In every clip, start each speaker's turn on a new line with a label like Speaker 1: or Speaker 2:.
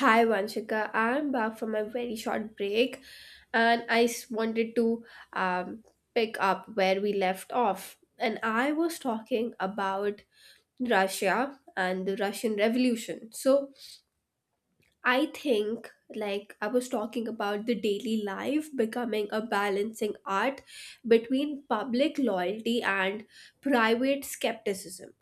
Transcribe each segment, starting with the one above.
Speaker 1: Hi Vanshika, I'm back from a very short break and wanted to um, pick up where we left off. And I was talking about Russia and the Russian Revolution. So I think, like, I was talking about the daily life becoming a balancing art between public loyalty and private skepticism,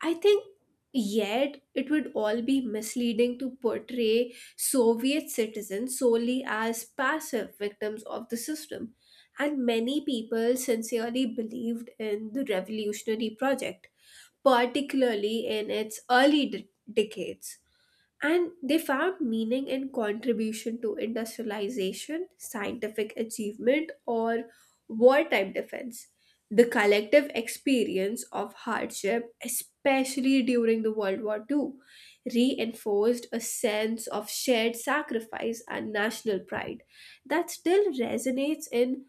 Speaker 1: I think, yet it would all be misleading to portray Soviet citizens solely as passive victims of the system. And many people sincerely believed in the revolutionary project, particularly in its early decades, and they found meaning in contribution to industrialization, scientific achievement, or wartime defense. The collective experience of hardship, especially during the World War II, reinforced a sense of shared sacrifice and national pride that still resonates in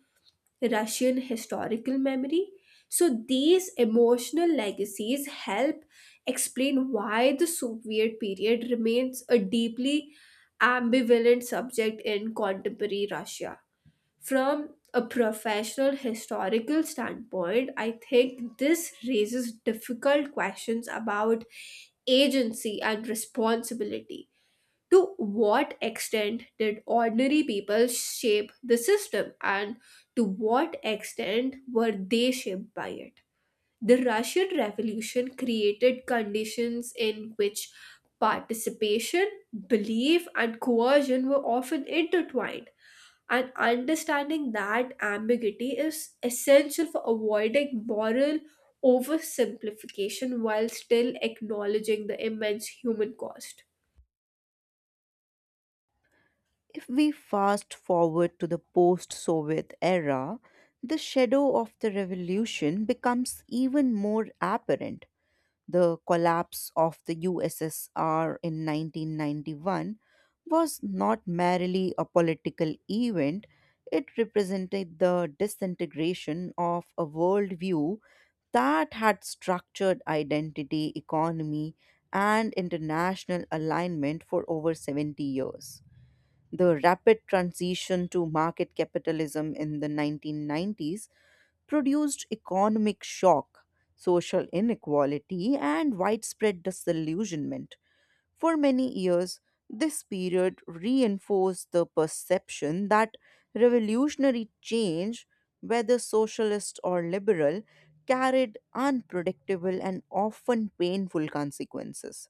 Speaker 1: Russian historical memory. So these emotional legacies help explain why the Soviet period remains a deeply ambivalent subject in contemporary Russia. From a professional historical standpoint, I think this raises difficult questions about agency and responsibility. To what extent did ordinary people shape the system, and to what extent were they shaped by it? The Russian Revolution created conditions in which participation, belief, and coercion were often intertwined. And understanding that ambiguity is essential for avoiding moral oversimplification while still acknowledging the immense human cost.
Speaker 2: If we fast forward to the post Soviet era, the shadow of the revolution becomes even more apparent. The collapse of the USSR in 1991 was not merely a political event, it represented the disintegration of a worldview that had structured identity, economy, and international alignment for over 70 years. The rapid transition to market capitalism in the 1990s produced economic shock, social inequality, and widespread disillusionment. For many years, this period reinforced the perception that revolutionary change, whether socialist or liberal, carried unpredictable and often painful consequences.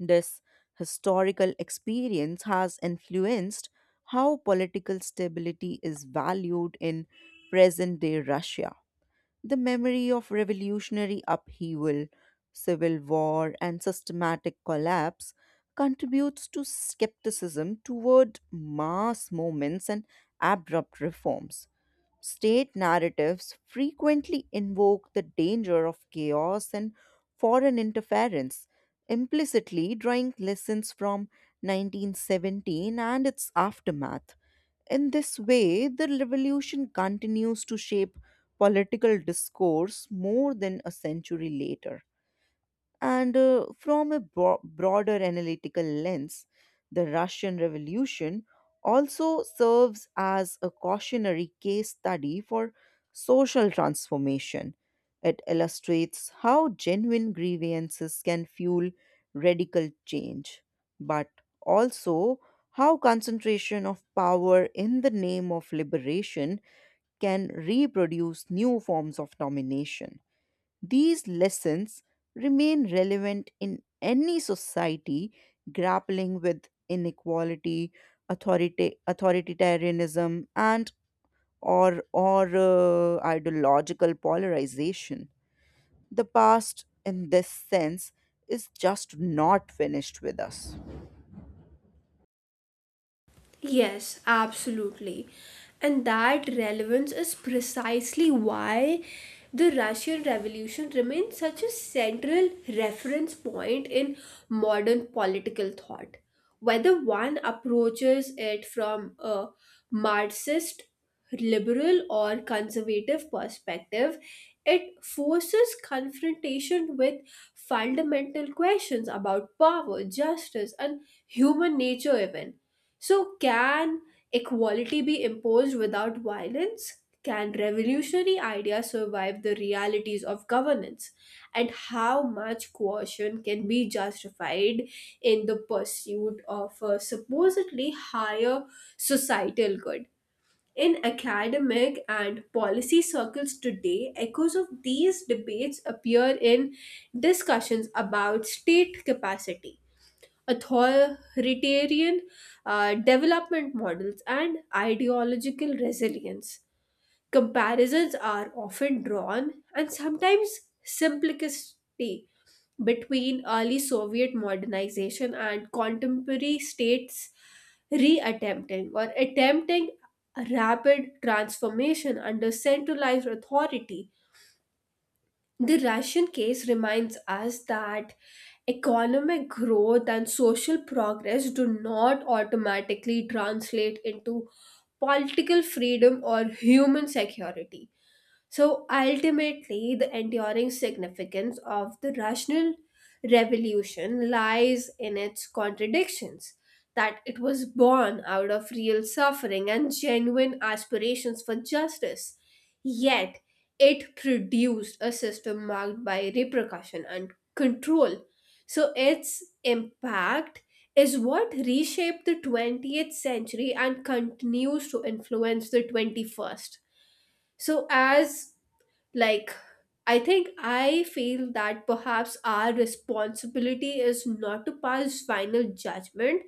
Speaker 2: This historical experience has influenced how political stability is valued in present day Russia. The memory of revolutionary upheaval, civil war, and systematic collapse contributes to skepticism toward mass movements and abrupt reforms state narratives frequently invoke the danger of chaos and foreign interference, implicitly drawing lessons from 1917 and its aftermath. In this way, the revolution continues to shape political discourse more than a century later. And from a bro- broader analytical lens, the Russian Revolution also serves as a cautionary case study for social transformation. It illustrates how genuine grievances can fuel radical change, but also how concentration of power in the name of liberation can reproduce new forms of domination. These lessons remain relevant in any society grappling with inequality, authoritarianism, and or ideological polarization. The past, in this sense, is just not finished with us.
Speaker 1: Yes, absolutely. And that relevance is precisely why the Russian Revolution remains such a central reference point in modern political thought. Whether one approaches it from a Marxist, liberal, or conservative perspective, it forces confrontation with fundamental questions about power, justice, and human nature. Even so, can equality be imposed without violence? Can revolutionary ideas survive the realities of governance? And how much coercion can be justified in the pursuit of a supposedly higher societal good? In academic and policy circles today, echoes of these debates appear in discussions about state capacity, authoritarian development models, and ideological resilience. Comparisons are often drawn, and sometimes simplicity, between early Soviet modernization and contemporary states reattempting or attempting rapid transformation under centralized authority. The Russian case reminds us that economic growth and social progress do not automatically translate into political freedom or human security. So ultimately, the enduring significance of the rational revolution lies in its contradictions, that it was born out of real suffering and genuine aspirations for justice. Yet, it produced a system marked by repercussion and control. So, its impact is what reshaped the 20th century and continues to influence the 21st. So, as like, I think I feel that perhaps our responsibility is not to pass final judgment,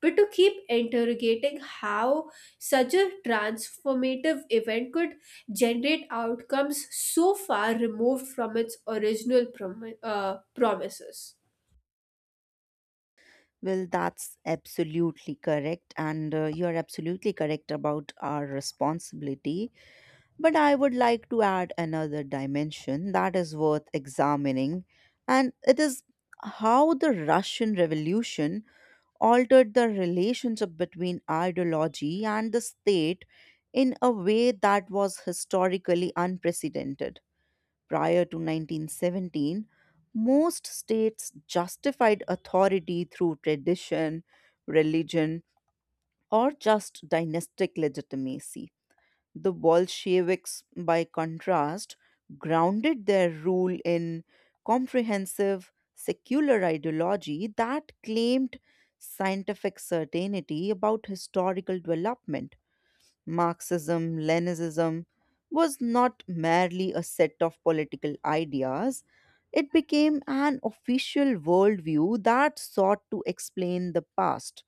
Speaker 1: but to keep interrogating how such a transformative event could generate outcomes so far removed from its original promises.
Speaker 2: Well, that's absolutely correct, and you're absolutely correct about our responsibility. But I would like to add another dimension that is worth examining, and it is how the Russian Revolution altered the relationship between ideology and the state in a way that was historically unprecedented. Prior to 1917, most states justified authority through tradition, religion, or just dynastic legitimacy. The Bolsheviks, by contrast, grounded their rule in comprehensive secular ideology that claimed scientific certainty about historical development. Marxism, Leninism was not merely a set of political ideas, it became an official worldview that sought to explain the past,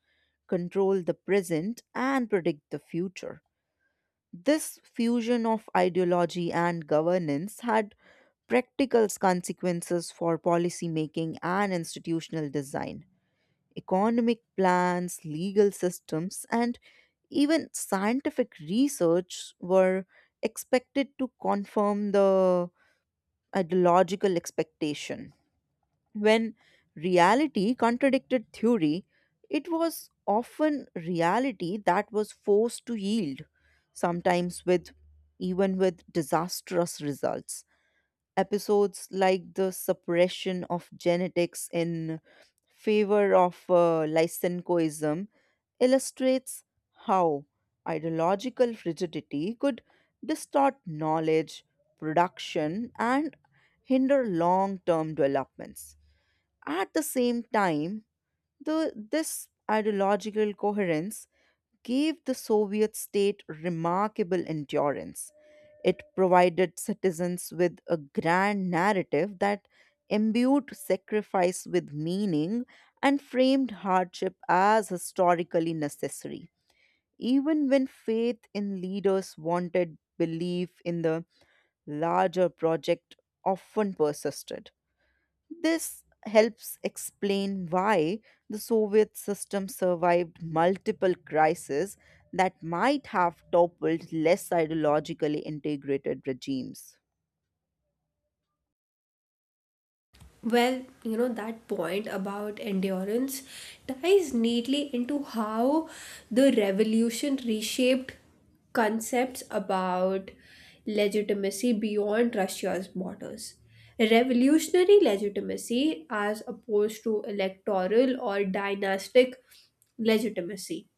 Speaker 2: control the present, and predict the future. This fusion of ideology and governance had practical consequences for policymaking and institutional design. Economic plans, legal systems, and even scientific research were expected to confirm the ideological expectation. When reality contradicted theory, it was often reality that was forced to yield, sometimes with even with disastrous results. Episodes like the suppression of genetics in favor of Lysenkoism illustrates how ideological rigidity could distort knowledge, production, and hinder long term developments. At the same time, this ideological coherence gave the Soviet state remarkable endurance. It provided citizens with a grand narrative that imbued sacrifice with meaning and framed hardship as historically necessary. Even when faith in leaders wanted, belief in the larger project often persisted. This helps explain why the Soviet system survived multiple crises that might have toppled less ideologically integrated regimes.
Speaker 1: Well, you know that point about endurance ties neatly into how the revolution reshaped concepts about legitimacy beyond Russia's borders. Revolutionary legitimacy, as opposed to electoral or dynastic legitimacy,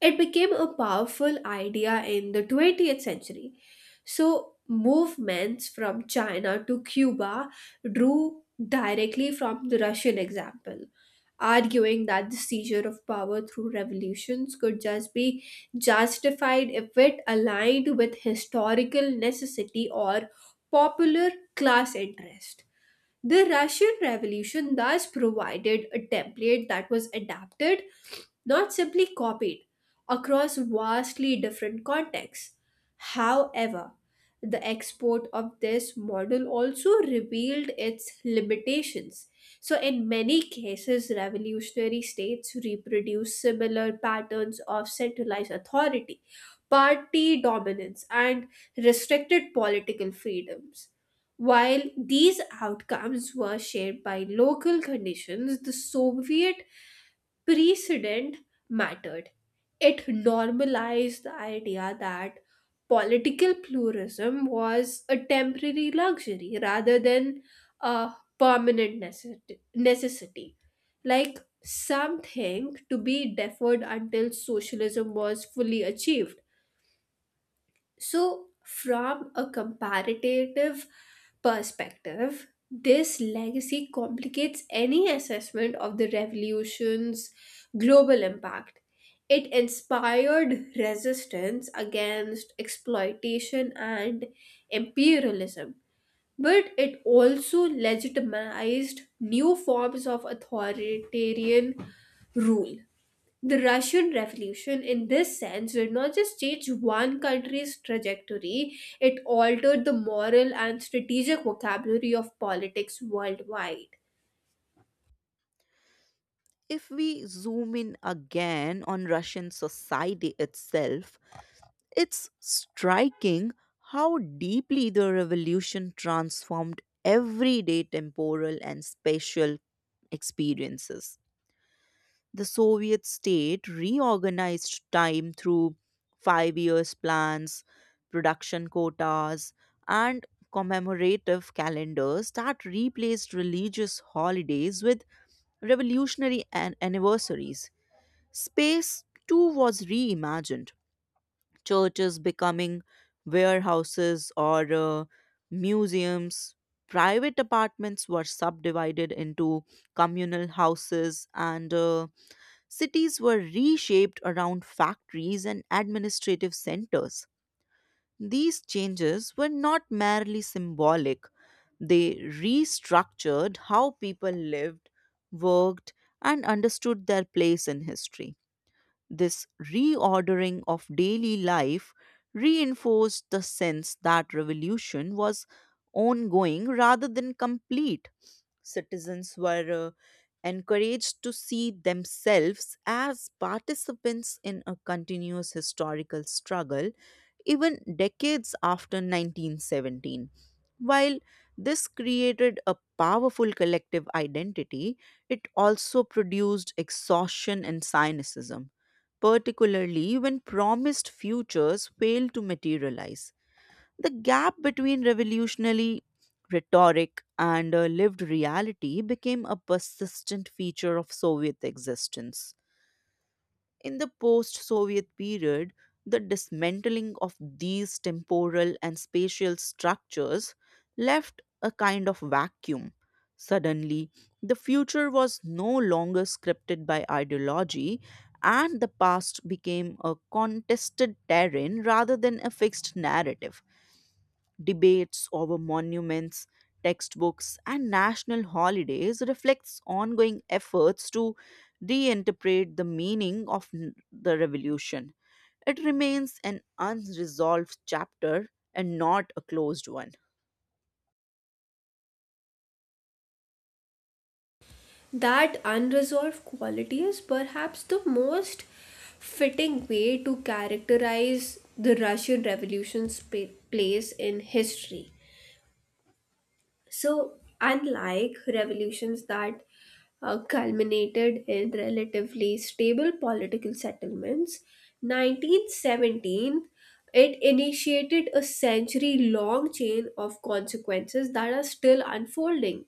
Speaker 1: it became a powerful idea in the 20th century. So, movements from China to Cuba drew directly from the Russian example, arguing that the seizure of power through revolutions could just be justified if it aligned with historical necessity or popular class interest. The Russian Revolution thus provided a template that was adapted, not simply copied, across vastly different contexts. However, the export of this model also revealed its limitations. So, in many cases, revolutionary states reproduce similar patterns of centralized authority, party dominance, and restricted political freedoms. While these outcomes were shaped by local conditions, the Soviet precedent mattered. It normalized the idea that political pluralism was a temporary luxury rather than a permanent necessity, like something to be deferred until socialism was fully achieved. So, from a comparative perspective, this legacy complicates any assessment of the revolution's global impact. It inspired resistance against exploitation and imperialism, but it also legitimized new forms of authoritarian rule. The Russian Revolution, in this sense, did not just change one country's trajectory, it altered the moral and strategic vocabulary of politics worldwide.
Speaker 2: If we zoom in again on Russian society itself, it's striking how deeply the revolution transformed everyday temporal and spatial experiences the Soviet state reorganized time through 5 year plans, production quotas, and commemorative calendars that replaced religious holidays with anniversaries. Space too was reimagined, churches becoming warehouses or museums. Private apartments were subdivided into communal houses and cities were reshaped around factories and administrative centers. These changes were not merely symbolic, they restructured how people lived, worked, and understood their place in history. This reordering of daily life reinforced the sense that revolution was ongoing rather than complete. Citizens were encouraged to see themselves as participants in a continuous historical struggle, even decades after 1917. While this created a powerful collective identity, it also produced exhaustion and cynicism, particularly when promised futures failed to materialize. The gap between revolutionary rhetoric and lived reality became a persistent feature of Soviet existence. In the post Soviet period, the dismantling of these temporal and spatial structures left a kind of vacuum. Suddenly, the future was no longer scripted by ideology, and the past became a contested terrain rather than a fixed narrative debates over monuments, textbooks, and national holidays reflects ongoing efforts to reinterpret the meaning of the revolution. It remains an unresolved chapter and not a closed one.
Speaker 1: That unresolved quality is perhaps the most fitting way to characterize the Russian Revolution's place in history. So, unlike revolutions that culminated in relatively stable political settlements, 1917, it initiated a century long chain of consequences that are still unfolding.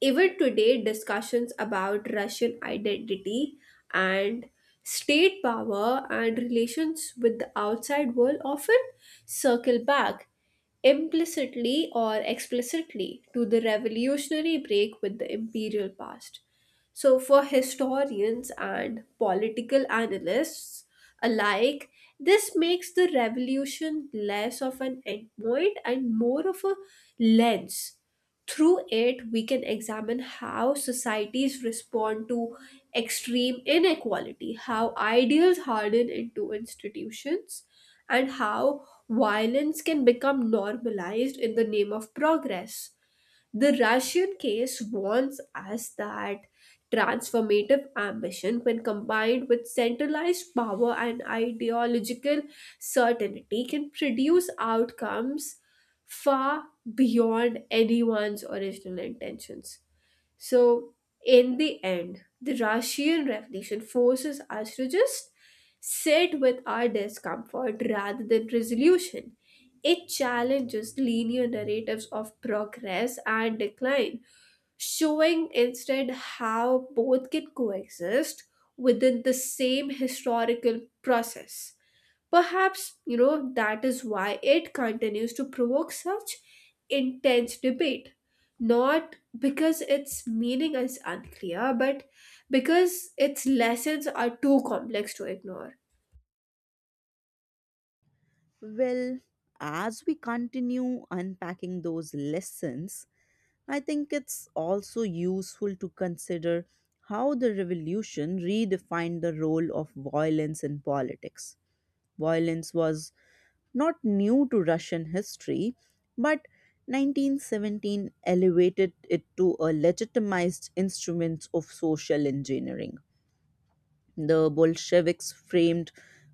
Speaker 1: Even today, discussions about Russian identity and state power and relations with the outside world often circle back, implicitly or explicitly, to the revolutionary break with the imperial past. So, for historians and political analysts alike, this makes the revolution less of an endpoint and more of a lens through it, we can examine how societies respond to extreme inequality, how ideals harden into institutions, and how violence can become normalized in the name of progress. The Russian case warns us that transformative ambition, when combined with centralized power and ideological certainty, can produce outcomes far beyond anyone's original intentions. So, in the end, the Russian Revolution forces us to just sit with our discomfort rather than resolution. It challenges linear narratives of progress and decline, showing instead how both can coexist within the same historical process. Perhaps, you know, that is why it continues to provoke such intense debate. Not because its meaning is unclear, but because its lessons are too complex to ignore.
Speaker 2: Well, as we continue unpacking those lessons, I think it's also useful to consider how the revolution redefined the role of violence in politics. Violence was not new to Russian history, but 1917 elevated it to a legitimized instrument of social engineering. The Bolsheviks framed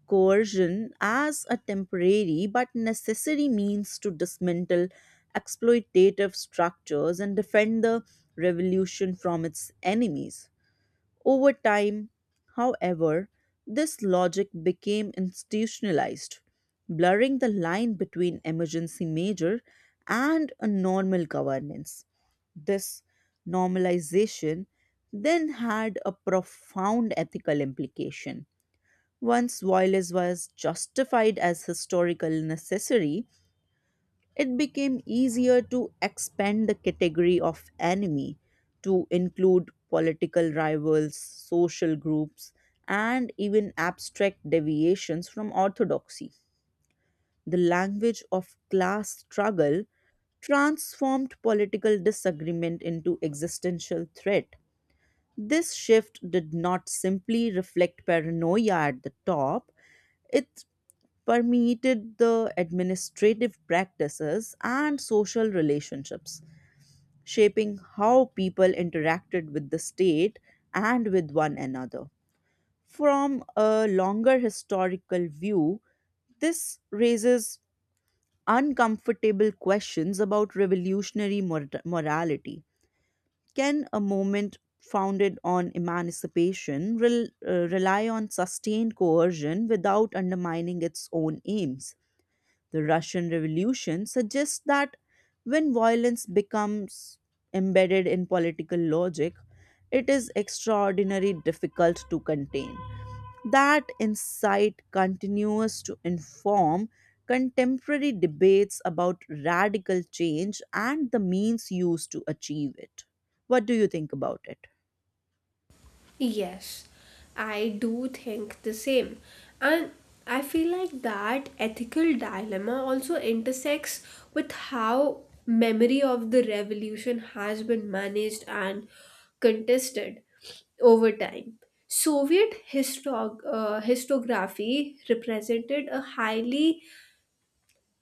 Speaker 2: coercion as a temporary but necessary means to dismantle exploitative structures and defend the revolution from its enemies. Over time, however, this logic became institutionalized, blurring the line between emergency measure and a normal governance. This normalization then had a profound ethical implication. Once violence was justified as historical necessary, it became easier to expand the category of enemy to include political rivals, social groups, and even abstract deviations from orthodoxy. The language of class struggle transformed political disagreement into existential threat. This shift did not simply reflect paranoia at the top, it permeated the administrative practices and social relationships, shaping how people interacted with the state and with one another. From a longer historical view, this raises uncomfortable questions about revolutionary morality. Can a movement founded on emancipation rely on sustained coercion without undermining its own aims? The Russian Revolution suggests that when violence becomes embedded in political logic, it is extraordinarily difficult to contain. That insight continues to inform contemporary debates about radical change and the means used to achieve it. What do you think about it?
Speaker 1: Yes, I do think the same. And I feel like that ethical dilemma also intersects with how memory of the revolution has been managed and contested over time. Soviet histography represented a highly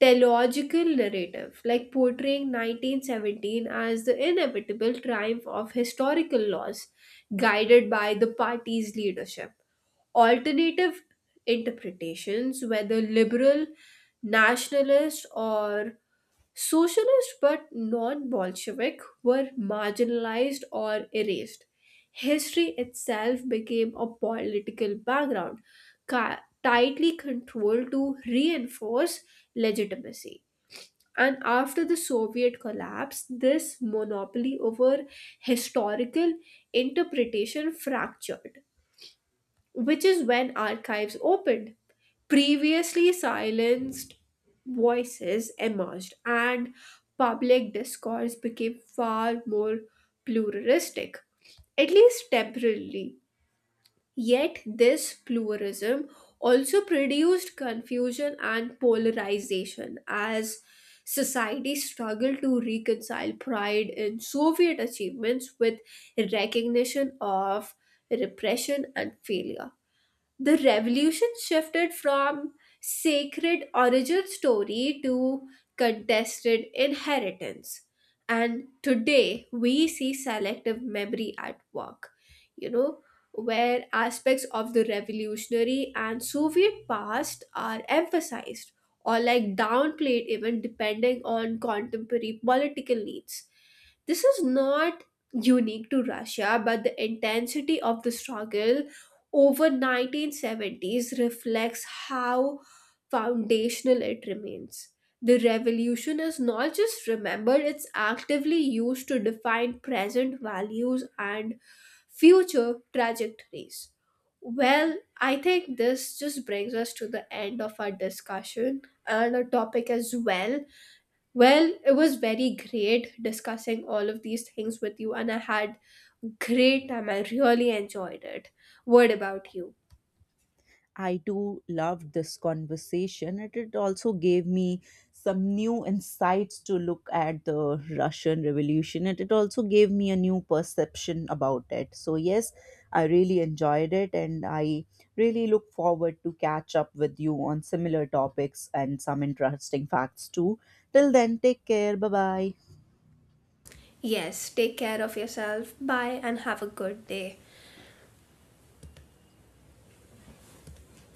Speaker 1: teleological narrative, like portraying 1917 as the inevitable triumph of historical laws guided by the party's leadership. Alternative interpretations, whether liberal, nationalist, or socialist but non Bolshevik, were marginalized or erased. History itself became a political background, tightly controlled to reinforce legitimacy. And after the Soviet collapse, this monopoly over historical interpretation fractured, which is when archives opened. Previously silenced voices emerged, and public discourse became far more pluralistic, at least temporarily. Yet, this pluralism also produced confusion and polarization as society struggled to reconcile pride in Soviet achievements with recognition of repression and failure. The revolution shifted from sacred origin story to contested inheritance. And today we see selective memory at work, you know, where aspects of the revolutionary and Soviet past are emphasized or like downplayed, even depending on contemporary political needs. This is not unique to Russia, but the intensity of the struggle over 1970s reflects how foundational it remains. The revolution is not just remembered, it's actively used to define present values and future trajectories. Well, I think this just brings us to the end of our discussion and our topic as well. Well, it was very great discussing all of these things with you, and I had great time. I really enjoyed it. What about you?
Speaker 2: I too loved this conversation. And it also gave me some new insights to look at the Russian Revolution, and it also gave me a new perception about it. So, yes, I really enjoyed it, and I really look forward to catch up with you on similar topics and some interesting facts too. Till then, take care. Bye bye.
Speaker 1: Yes, take care of yourself. Bye and have a good day.